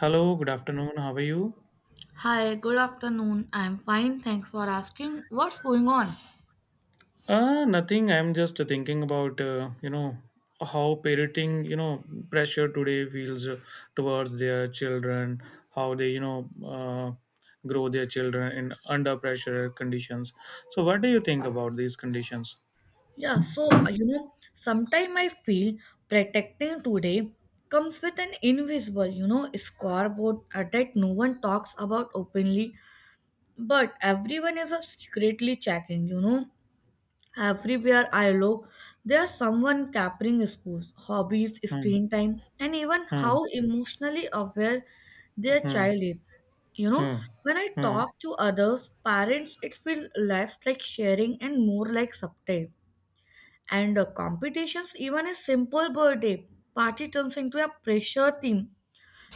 Hello, good afternoon. How are you? Hi, good afternoon. I'm fine, thanks for asking. What's going on? Nothing. I'm just thinking about how parenting pressure today feels towards their children, how they grow their children in under pressure conditions. So, what do you think about these conditions? Yeah, so you know, sometimes I feel protecting today comes with an invisible, you know, scoreboard that no one talks about openly, but everyone is secretly checking, you know. Everywhere I look, there's someone capturing schools, hobbies, Hmm. screen time, and even Hmm. how emotionally aware their Hmm. child is. You know, Hmm. when I Hmm. talk to others, parents, it feels less like sharing and more like subtle. And competitions, even a simple birthday party turns into a pressure theme.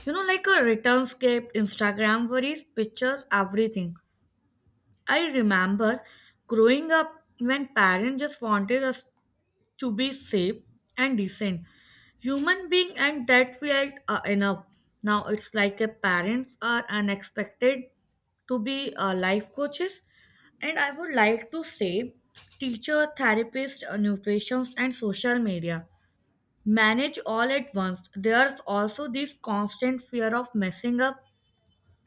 You know, like a return scape, Instagram worries, pictures, everything. I remember growing up when parents just wanted us to be safe and decent human being, and that felt enough. Now it's like a parents are unexpected to be life coaches, and I would like to say teacher, therapist, nutritionists and social media manage all at once. There's also this constant fear of messing up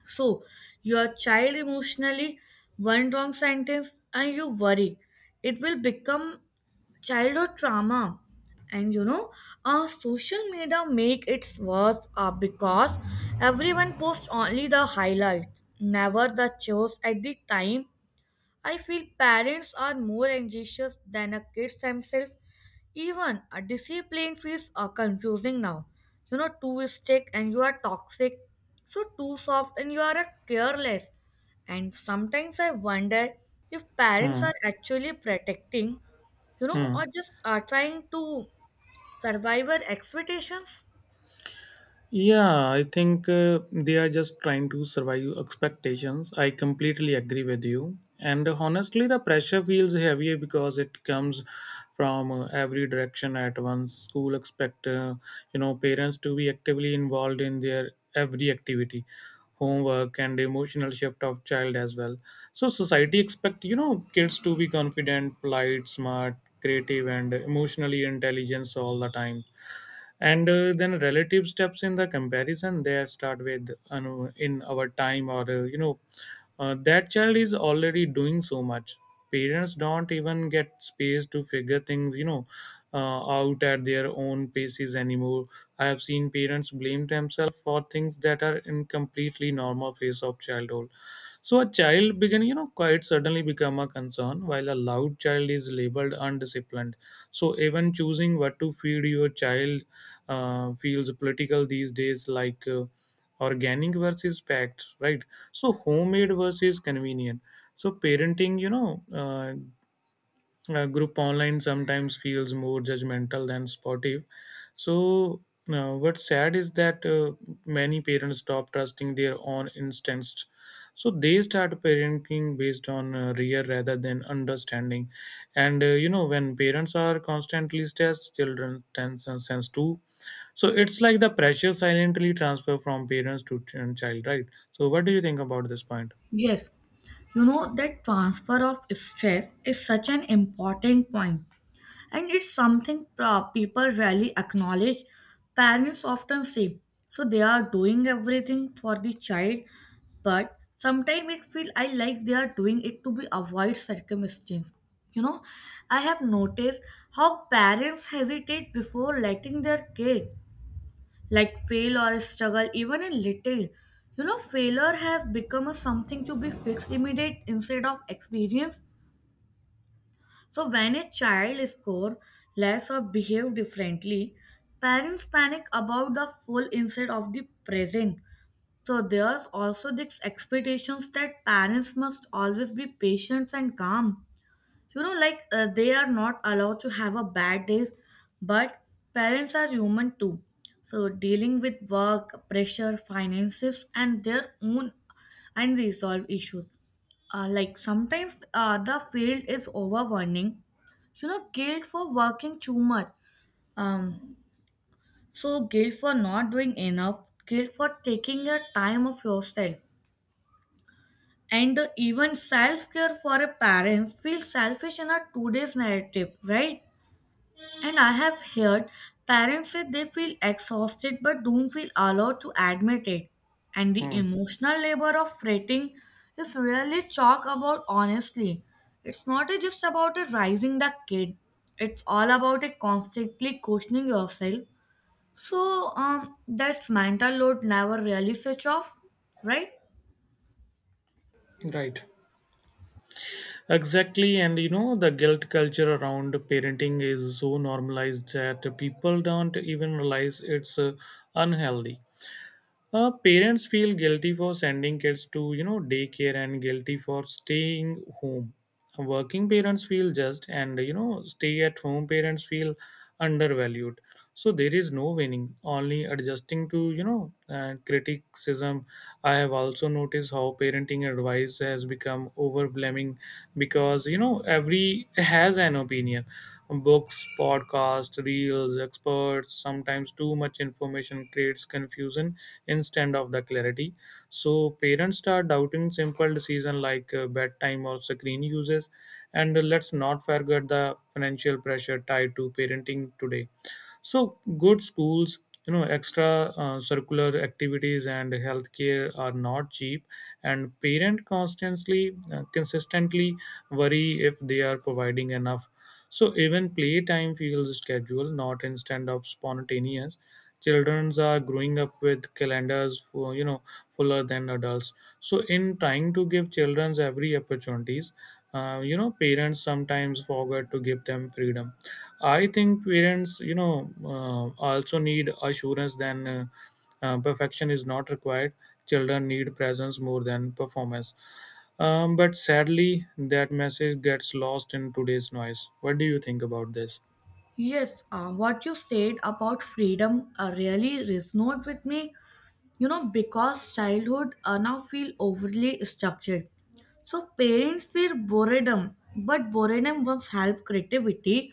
so, your child emotionally, one wrong sentence, and you worry. It will become childhood trauma. And you know, social media make it worse because everyone posts only the highlight, never the chores at the time. I feel parents are more anxious than the kids themselves. Even a discipline feels confusing now. You know, too strict and you are toxic. So too soft and you are a careless. And sometimes I wonder if parents Hmm. are actually protecting, you know, Hmm. or just are trying to survive our expectations. Yeah, I think they are just trying to survive expectations. I completely agree with you. And honestly, the pressure feels heavier because it comes from every direction at once. School expect parents to be actively involved in their every activity, homework, and emotional shift of child as well. So society expect kids to be confident, polite, smart, creative, and emotionally intelligent all the time, and then relative steps in the comparison there start with in our time, or that child is already doing so much. Parents don't even get space to figure things out at their own paces anymore. I have seen parents blame themselves for things that are in completely normal phase of childhood. So a child begin quite suddenly become a concern, while a loud child is labeled undisciplined. So even choosing what to feed your child feels political these days, like organic versus packed, right? So homemade versus convenient. So parenting, group online sometimes feels more judgmental than supportive. So, what's sad is that many parents stop trusting their own instincts. So, they start parenting based on rear rather than understanding. And when parents are constantly stressed, children tend to sense too. So, it's like the pressure silently transfer from parents to child, right? So, what do you think about this point? Yes, you know that transfer of stress is such an important point, and it's something people rarely acknowledge. Parents often say so they are doing everything for the child, but sometimes it feel I like they are doing it to be avoid circumstance, you know. I have noticed how parents hesitate before letting their kid like fail or struggle even in little. You know, failure has become a something to be fixed immediate instead of experience. So when a child scores less or behave differently, parents panic about the full instead of the present. So there's also this expectations that parents must always be patient and calm, you know, like they are not allowed to have a bad days. But parents are human too, so dealing with work pressure, finances, and their own unresolved issues, like sometimes the field is overwhelming. You know, guilt for working too much, um so guilt for not doing enough, guilt for taking a time of yourself. And even self-care for a parent feels selfish in a today's narrative, right? And I have heard parents say they feel exhausted but don't feel allowed to admit it. And the Hmm, emotional labor of fretting is rarely talked about honestly. It's not a- just about a raising the kid, it's all about a constantly questioning yourself. So, that's mental load never really switch off, right? right. Exactly, and the guilt culture around parenting is so normalized that people don't even realize it's unhealthy. Parents feel guilty for sending kids to daycare, and guilty for staying home. Working parents feel just, and stay at home parents feel undervalued. So there is no winning, only adjusting to criticism. I have also noticed how parenting advice has become overwhelming, because every has an opinion. Books, podcasts, reels, experts, sometimes too much information creates confusion instead of the clarity. So parents start doubting simple decision like bedtime or screen uses. And let's not forget the financial pressure tied to parenting today. So good schools, extra circular activities and healthcare are not cheap, and parent consistently worry if they are providing enough. So even playtime feels scheduled, not instead of spontaneous. Childrens are growing up with calendars for fuller than adults. So in trying to give childrens every opportunities, parents sometimes forget to give them freedom. I think parents also need assurance than perfection is not required. Children need presence more than performance. But sadly that message gets lost in today's noise. What do you think about this? Yes, what you said about freedom really resonates with me, you know, because childhood now feel overly structured. So parents fear boredom, but boredom once help creativity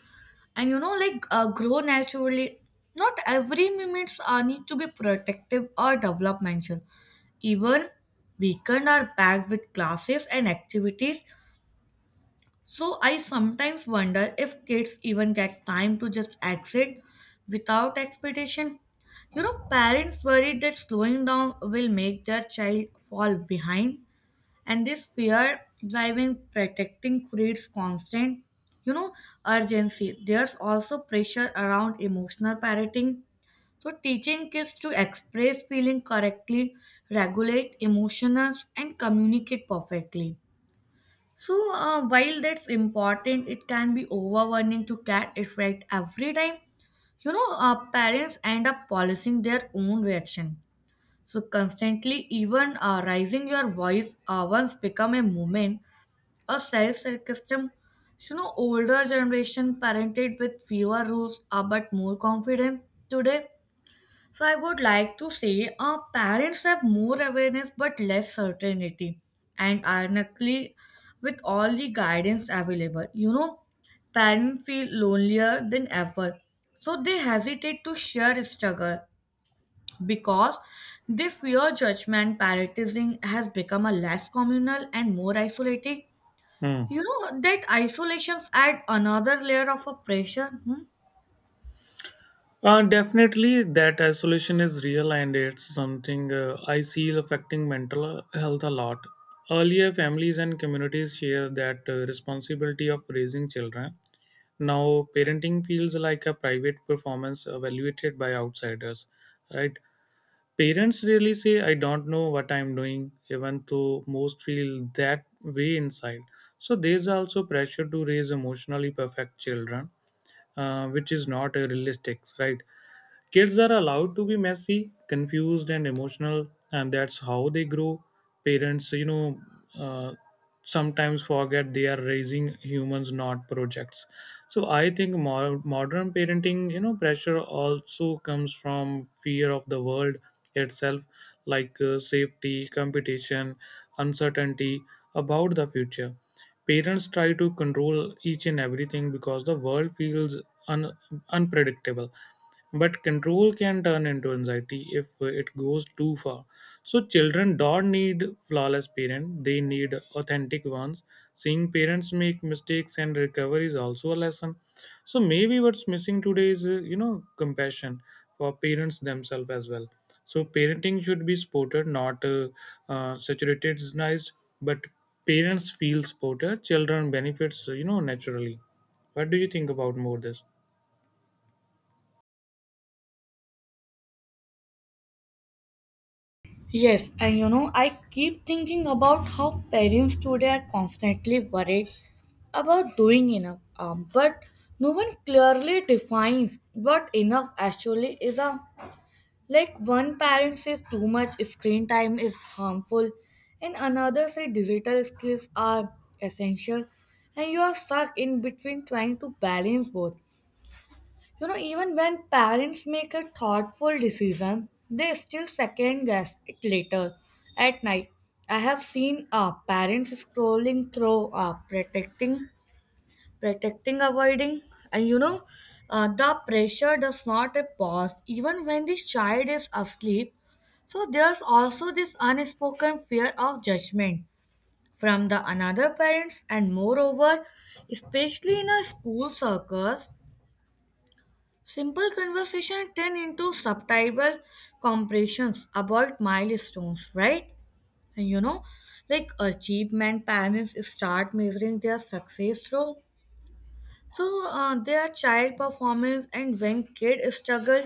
and you know like grow naturally. Not every moments are need to be protective or developmental. Even weekend are packed with classes and activities, so I sometimes wonder if kids even get time to just exit without expectation. You know, parents worried that slowing down will make their child fall behind, and this fear driving protecting creates constant, you know, urgency. There's also pressure around emotional parenting. So teaching kids to express feeling correctly, regulate emotions, and communicate perfectly. So, while that's important, it can be overwhelming to cat effect every time. You know, parents end up policing their own reaction. So, constantly, even raising your voice once become a movement, a self-sarcasm. You know, older generation parented with fewer rules but more confident today. So I would like to say our parents have more awareness but less certainty. And ironically, with all the guidance available, you know, parents feel lonelier than ever. So they hesitate to share struggle because they fear judgment. Parenting has become a less communal and more isolating. Hmm. You know that isolations add another layer of oppression. Definitely, that isolation is real, and it's something I see affecting mental health a lot. Earlier, families and communities share that responsibility of raising children. Now, parenting feels like a private performance evaluated by outsiders, right? Parents really say, I don't know what I'm doing, even though most feel that way inside. So, there's also pressure to raise emotionally perfect children, which is not realistic, right? Kids are allowed to be messy, confused, and emotional, and that's how they grow. Parents, uh, sometimes forget they are raising humans, not projects. So I think modern parenting, pressure also comes from fear of the world itself, like safety, competition, uncertainty about the future. Parents try to control each and everything, because the world feels un- unpredictable. But control can turn into anxiety if it goes too far. So children don't need flawless parents; they need authentic ones. Seeing parents make mistakes and recover is also a lesson. So maybe what's missing today is compassion for parents themselves as well. So parenting should be supported, not saturatedized. But parents feel supported, children benefits naturally. What do you think about more this? Yes, and you know, I keep thinking about how parents today are constantly worried about doing enough, but no one clearly defines what enough actually is. A, like one parent says too much screen time is harmful, and another says digital skills are essential, and you are stuck in between trying to balance both. You know, even when parents make a thoughtful decision, they still second guess it later at night. I have seen parents scrolling through, protecting, avoiding, and you know, the pressure does not a pause even when the child is asleep. So there's also this unspoken fear of judgment from the another parents and moreover, especially in a school circles, simple conversation turn into subtitle compressions about milestones, right? And you know, like achievement, parents start measuring their success through so their child performance, and when kids struggle,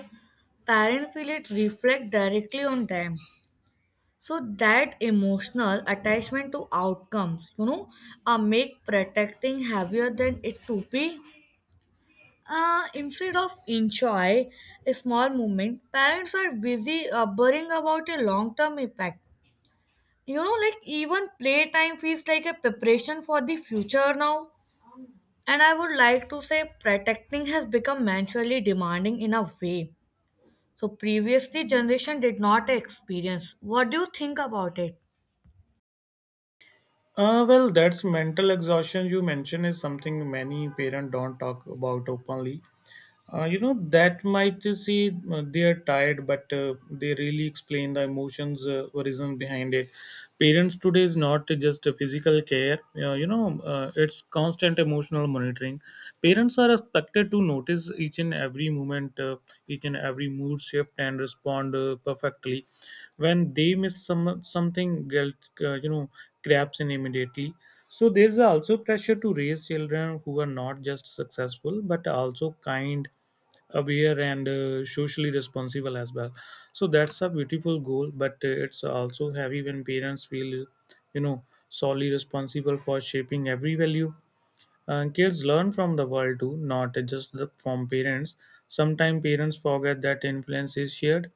parents feel it reflect directly on them. So that emotional attachment to outcomes, you know, make protecting heavier than it to be. Instead of enjoy a small moment, parents are busy worrying about a long term impact. You know, like even playtime feels like a preparation for the future now. And I would like to say protecting has become mentally demanding in a way. So previously generation did not experience. What do you think about it? Well, that's mental exhaustion you mentioned is something many parents don't talk about openly. That might see they are tired, but they really explain the emotions, reason behind it. Parents today is not just a physical care. It's constant emotional monitoring. Parents are expected to notice each and every moment, each and every mood shift and respond perfectly. When they miss something, guilt craps in immediately. So there's also pressure to raise children who are not just successful, but also kind, aware, and socially responsible as well. So that's a beautiful goal, but it's also heavy when parents feel solely responsible for shaping every value. Kids learn from the world too, not just from parents. Sometimes parents forget that influence is shared.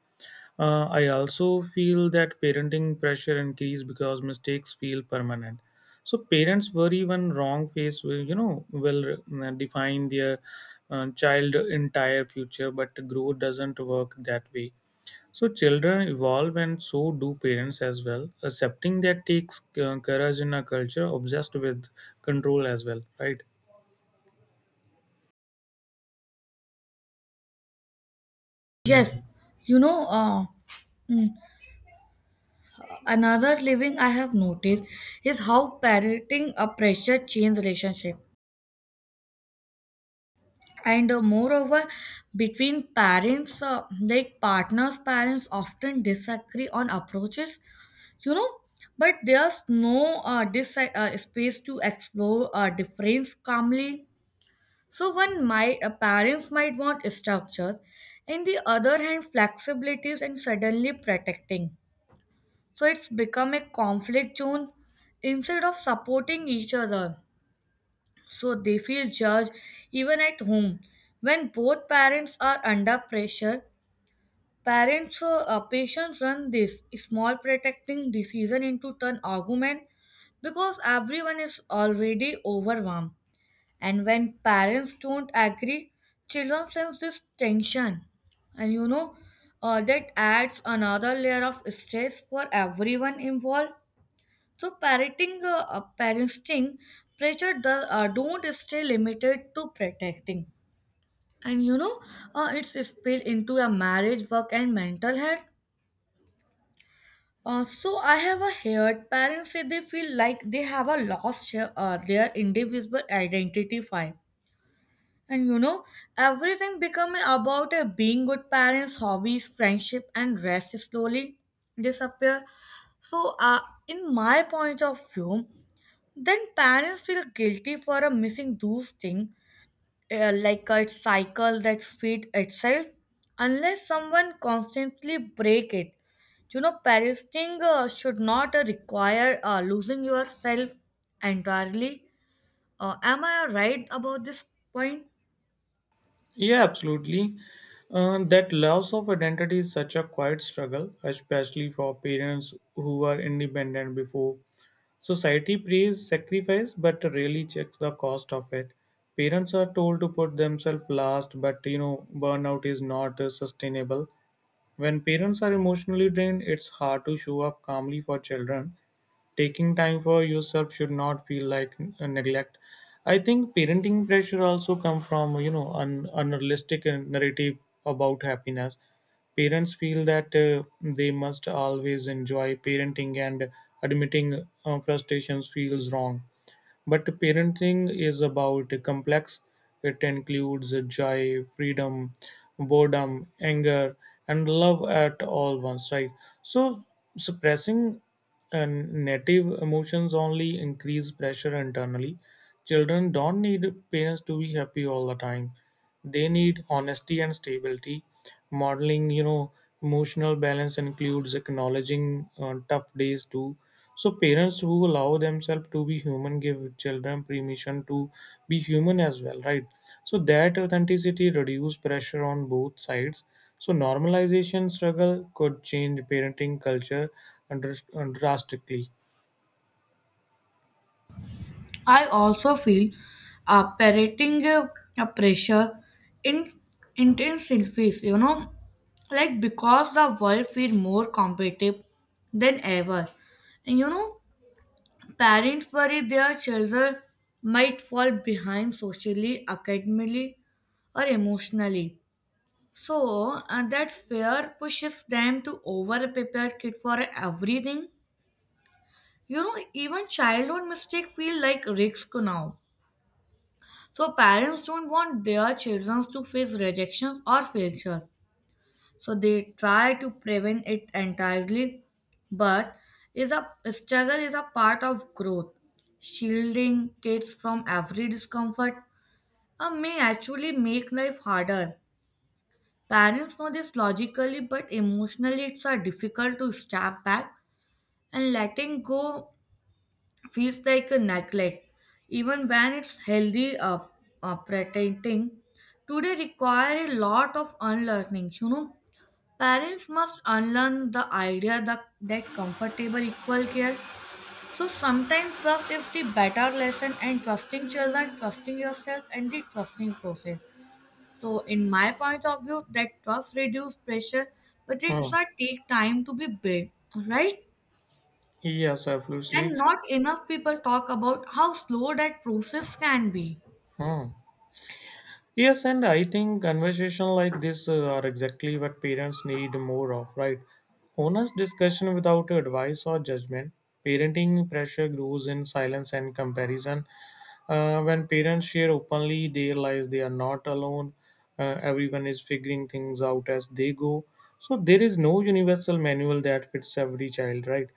I also feel that parenting pressure increase because mistakes feel permanent. So parents worry when wrong face will, define their child entire future, but growth doesn't work that way. So children evolve, and so do parents as well. Accepting that takes courage in a culture obsessed with control as well, right? Yes, you know, another living I have noticed is how parenting a pressure change relationship, and moreover between parents like partners. Parents often disagree on approaches, you know, but there's no space to explore difference calmly. So one might parents might want structures, and the other hand flexibilities, and suddenly protecting, so it's become a conflict zone instead of supporting each other, so they feel judged even at home. When both parents are under pressure, parents' patients run this small protecting decision into an argument because everyone is already overwhelmed. And when parents don't agree, children sense this tension. And you know, that adds another layer of stress for everyone involved. So parenting pressure don't stay limited to protecting. And you know, it's spilled into a marriage, work, and mental health. So I have a heard parents say they feel like they have a lost their individual identity file. And you know, everything become about a being good parents, hobbies, friendship, and rest slowly disappear. So, in my point of view, then parents feel guilty for missing those things, like a cycle that feeds itself, unless someone constantly break it. You know, parenting should not require losing yourself entirely. Am I right about this point? Yeah, absolutely. That loss of identity is such a quiet struggle, especially for parents who were independent before. Society praises sacrifice, but rarely checks the cost of it. Parents are told to put themselves last, but burnout is not sustainable. When parents are emotionally drained, it's hard to show up calmly for children. Taking time for yourself should not feel like a neglect. I think parenting pressure also come from an unrealistic narrative about happiness. Parents feel that they must always enjoy parenting, and admitting frustrations feels wrong. But parenting is about a complex. It includes joy, freedom, boredom, anger, and love at all once, right? So suppressing and native emotions only increase pressure internally. Children don't need parents to be happy all the time. They need honesty and stability. Modeling, emotional balance includes acknowledging tough days too. So parents who allow themselves to be human give children permission to be human as well, right? So that authenticity reduce pressure on both sides. So normalization struggle could change parenting culture under, drastically. I also feel parenting pressure in intense intensifies, you know, like because the world feel more competitive than ever. And you know, parents worry their children might fall behind socially, academically, or emotionally. So that fear pushes them to over prepare kid for everything. You know, even childhood mistake feel like risk now. So parents don't want their children to face rejections or failures. So they try to prevent it entirely, but is a struggle is a part of growth. Shielding kids from every discomfort may actually make life harder. Parents know this logically, but emotionally it's a difficult to step back, and letting go feels like a neglect, even when it's healthy pretending. Today require a lot of unlearning. You know, parents must unlearn the idea that comfortable equal care. So sometimes trust is the better lesson, and trusting children, trusting yourself, and the trusting process. So, in my point of view, that trust reduce pressure, but it's Hmm. a take time to be built. Right? Yes, absolutely. And not enough people talk about how slow that process can be. Hmm. Yes, and I think conversation like this are exactly what parents need more of, right? Honest discussion without advice or judgment. Parenting pressure grows in silence and comparison. When parents share openly, they realize they are not alone. Everyone is figuring things out as they go. So there is no universal manual that fits every child, right?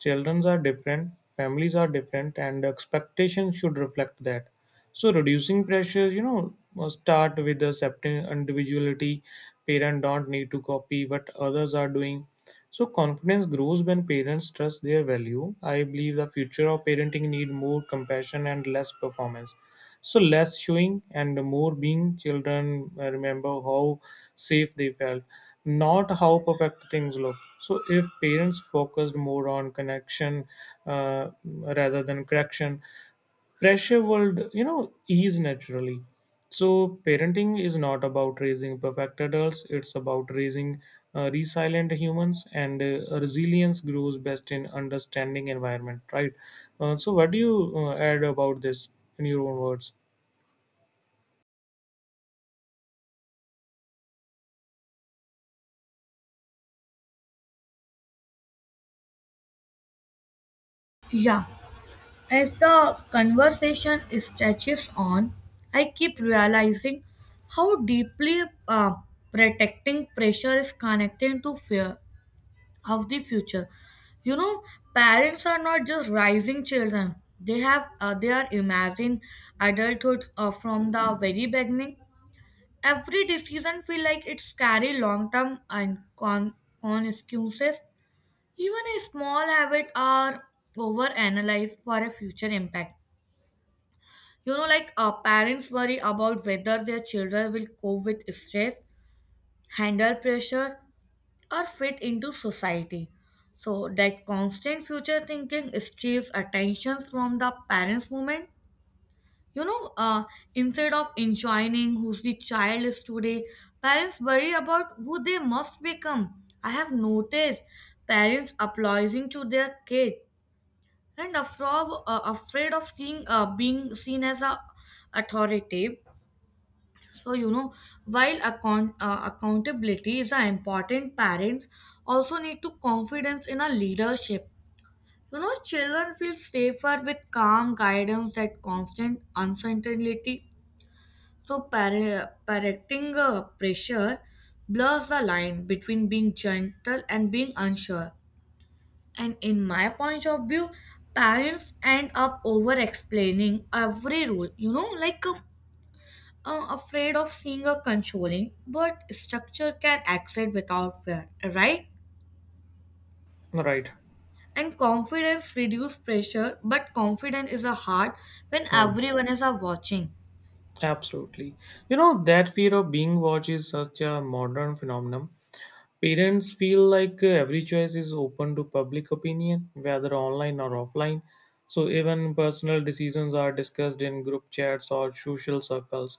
Children are different, families are different, and expectations should reflect that. So reducing pressures, must start with accepting individuality. Parents don't need to copy what others are doing. So confidence grows when parents trust their value. I believe the future of parenting need more compassion and less performance. So less showing and more being. Children remember how safe they felt, not how perfect things look. So if parents focused more on connection rather than correction, pressure would ease naturally. So parenting is not about raising perfect adults; it's about raising resilient humans, and resilience grows best in understanding environment, right? So what do you add about this in your own words? Yeah, as the conversation stretches on, I keep realizing how deeply protecting pressure is connected to fear of the future. You know, parents are not just raising children; they are imagining adulthood from the very beginning. Every decision feel like it's carry long term and consequences. Even a small habit are overanalyzed for a future impact. You know, like parents worry about whether their children will cope with stress, handle pressure, or fit into society. So that constant future thinking steals attention from the parents' moment. You know, instead of enjoying who's the child is today, parents worry about who they must become. I have noticed parents applauding to their kid and afraid of seeing being seen as a authoritative, so while accountability is an important, parents also need to confidence in a leadership. You know, children feel safer with calm guidance that constant uncertainty. So parenting pressure blurs the line between being gentle and being unsure, and in my point of view, parents end up over explaining every rule, afraid of seeing a controlling, but structure can exist without fear, right? Right. And confidence reduce pressure, but confidence is a hard when Um, everyone is watching. Absolutely. That fear of being watched is such a modern phenomenon. Parents feel like every choice is open to public opinion, whether online or offline. So, even personal decisions are discussed in group chats or social circles.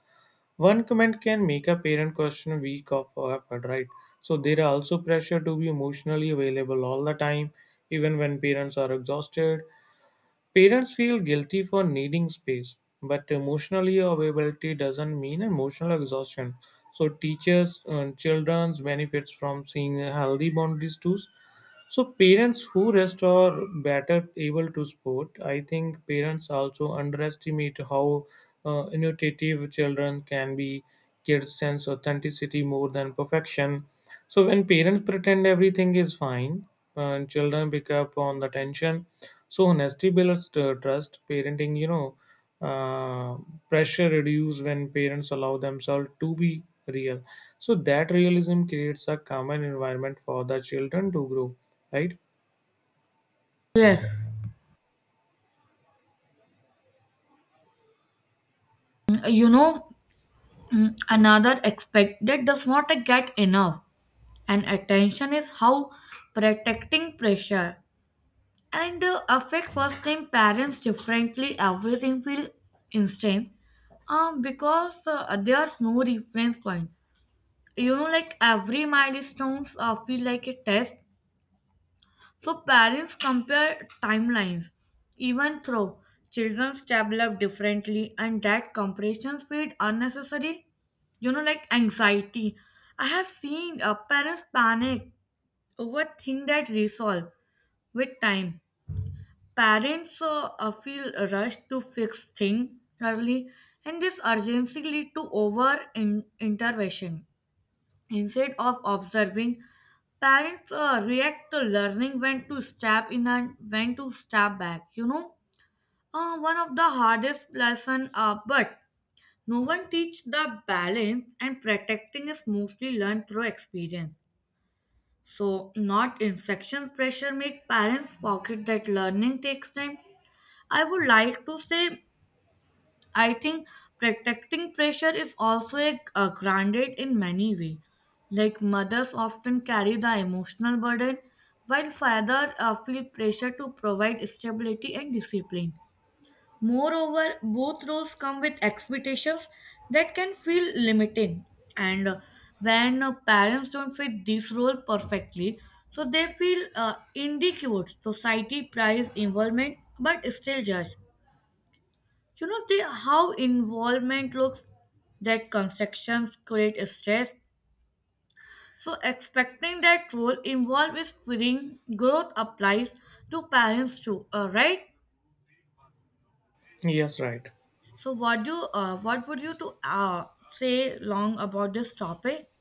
One comment can make a parent question a week of effort, right? So, there are also pressure to be emotionally available all the time, even when parents are exhausted. Parents feel guilty for needing space, but emotionally availability doesn't mean emotional exhaustion. So teachers and children's benefits from seeing healthy boundaries too. So parents who rest are better able to support. I think parents also underestimate how innovative children can be. Kids sense authenticity more than perfection. So when parents pretend everything is fine, and children pick up on the tension, so honesty builds trust. Parenting, uh, pressure reduce when parents allow themselves to be real. So that realism creates a common environment for the children to grow, right? Yes, you know, another aspect that does not get enough and attention is how protecting pressure. And affect first time parents differently, everything feel instant, because there's no reference point. You know, like every milestones feel like a test, so parents compare timelines, even though children develop differently, and that comparison feed unnecessary, you know, like anxiety. I have seen parents panic over things that resolve with time. Parents feel rushed to fix things early, and this urgency lead to intervention. Instead of observing, parents react to learning when to step in and when to step back. One of the hardest lesson, but no one teach the balance, and protecting is mostly learned through experience. So, not instruction pressure make parents forget that learning takes time. I would like to say, I think protecting pressure is also a grounded in many ways. Like mothers often carry the emotional burden, while fathers feel pressure to provide stability and discipline. Moreover, both roles come with expectations that can feel limiting, and when parents don't fit this role perfectly, so they feel inadequate. Society prizes involvement but still judge. You know the how involvement looks, that constructions create stress. So expecting that role involved is feeding growth applies to parents too, right? Yes, right. So what would you to say long about this topic?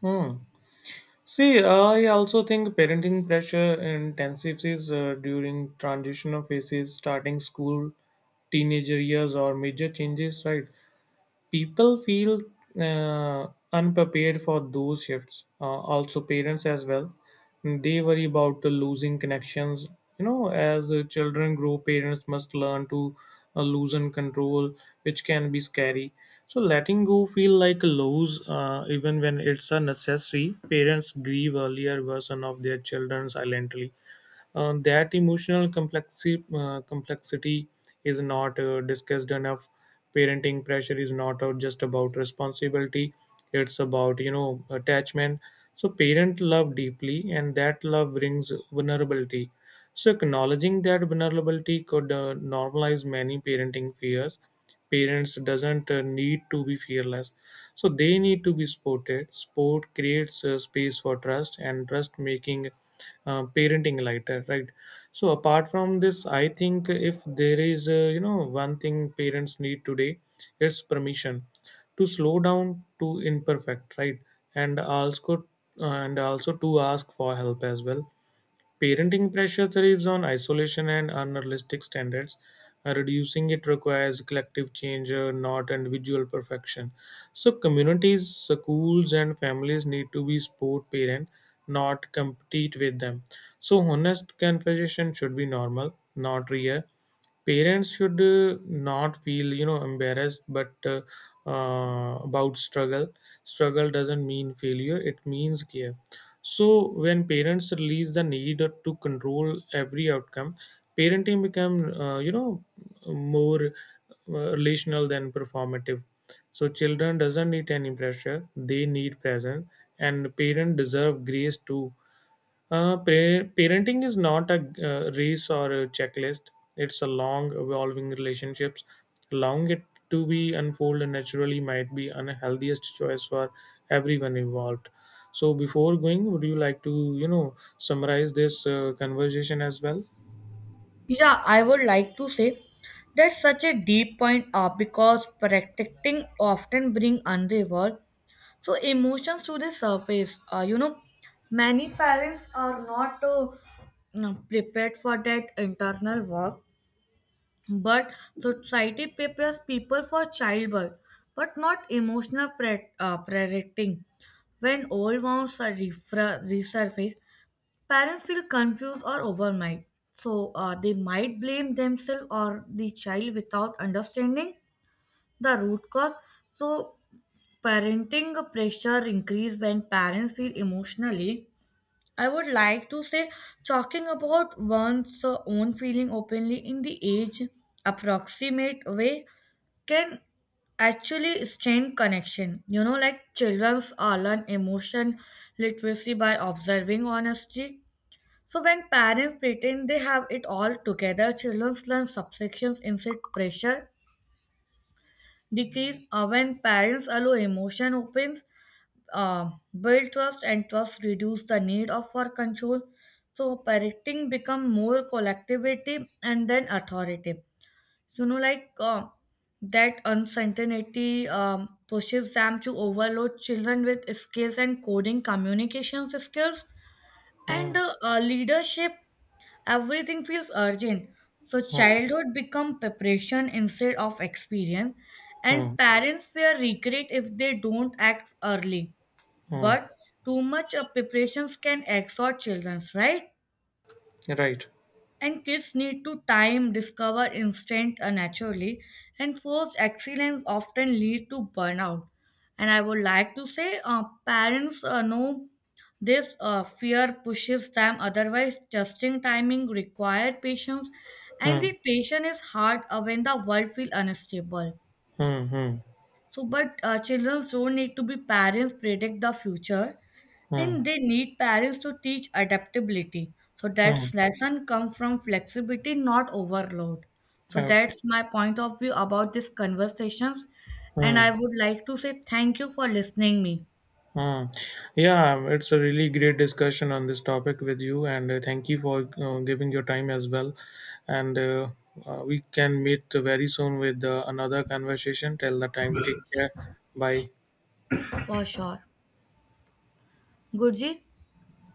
Hmm. See, I also think parenting pressure intensifies during transitional phases, starting school, teenager years, or major changes, right? People feel uh, unprepared for those shifts, also parents as well. They worry about losing connections as children grow. Parents must learn to loosen control, which can be scary. So letting go feel like a loss, even when it's a necessary. Parents grieve earlier version of their children silently. That emotional complexity is not discussed enough. Parenting pressure is not just about responsibility; it's about attachment. So parent love deeply, and that love brings vulnerability. So acknowledging that vulnerability could normalize many parenting fears. Parents doesn't need to be fearless, so they need to be supported. Sport creates a space for trust, and trust making parenting lighter, right? So apart from this, I think if there is one thing parents need today, it's permission to slow down, to imperfect, right? And also, to ask for help as well. Parenting pressure thrives on isolation and unrealistic standards. Reducing it requires collective change, not individual perfection. So, communities, schools, and families need to be support parent, not compete with them. So, honest conversation should be normal, not rare. Parents should not feel embarrassed, but about struggle. Struggle doesn't mean failure; it means care. So when parents release the need to control every outcome, parenting become more relational than performative. So children doesn't need any pressure; they need presence, and parents deserve grace too. Parenting is not a race or a checklist. It's a long, evolving relationships. Allowing it to be unfold naturally might be unhealthiest choice for everyone involved. So, before going, would you like to, summarize this conversation as well? Yeah, I would like to say that's such a deep point because protecting often bring unresolved so emotions to the surface, you know, many parents are not prepared for that internal work. But society prepares people for childbirth but not emotional parenting. When old wounds are resurface, parents feel confused or overwhelmed. So they might blame themselves or the child without understanding the root cause. So parenting pressure increase when parents feel emotionally. I would like to say, talking about one's own feeling openly in the age approximate way can actually strain connection. You know, like childrens are learn emotion literacy by observing honesty. So when parents pretend they have it all together, children learn subsections instead pressure decrease, or when parents allow emotion opens, uh, build trust, and trust reduce the need of for control. So parenting become more collectivity and then authoritative. you know like uh, that uncertainty pushes them to overload children with skills and coding communication skills Hmm. and leadership. Everything feels urgent, so Hmm. childhood become preparation instead of experience, and Hmm. parents fear regret if they don't act early. Hmm. But too much of preparations can exhaust children, right? Right. And kids need to time, discover instinct naturally, and forced excellence often lead to burnout. And I would like to say, parents know this fear pushes them. Otherwise, adjusting timing require patience, and Hmm. the patience is hard when the world feels unstable. Hmm. Hmm. So, but children don't need to be parents predict the future, Hmm. and they need parents to teach adaptability. So Hmm. that's lesson come from flexibility, not overload. So Okay. that's my point of view about these conversations, and Hmm. I would like to say thank you for listening me Hmm. Yeah, it's a really great discussion on this topic with you, and thank you for giving your time as well. And we can meet very soon with another conversation. Till the time, take care. Bye. for sure. Gurjit.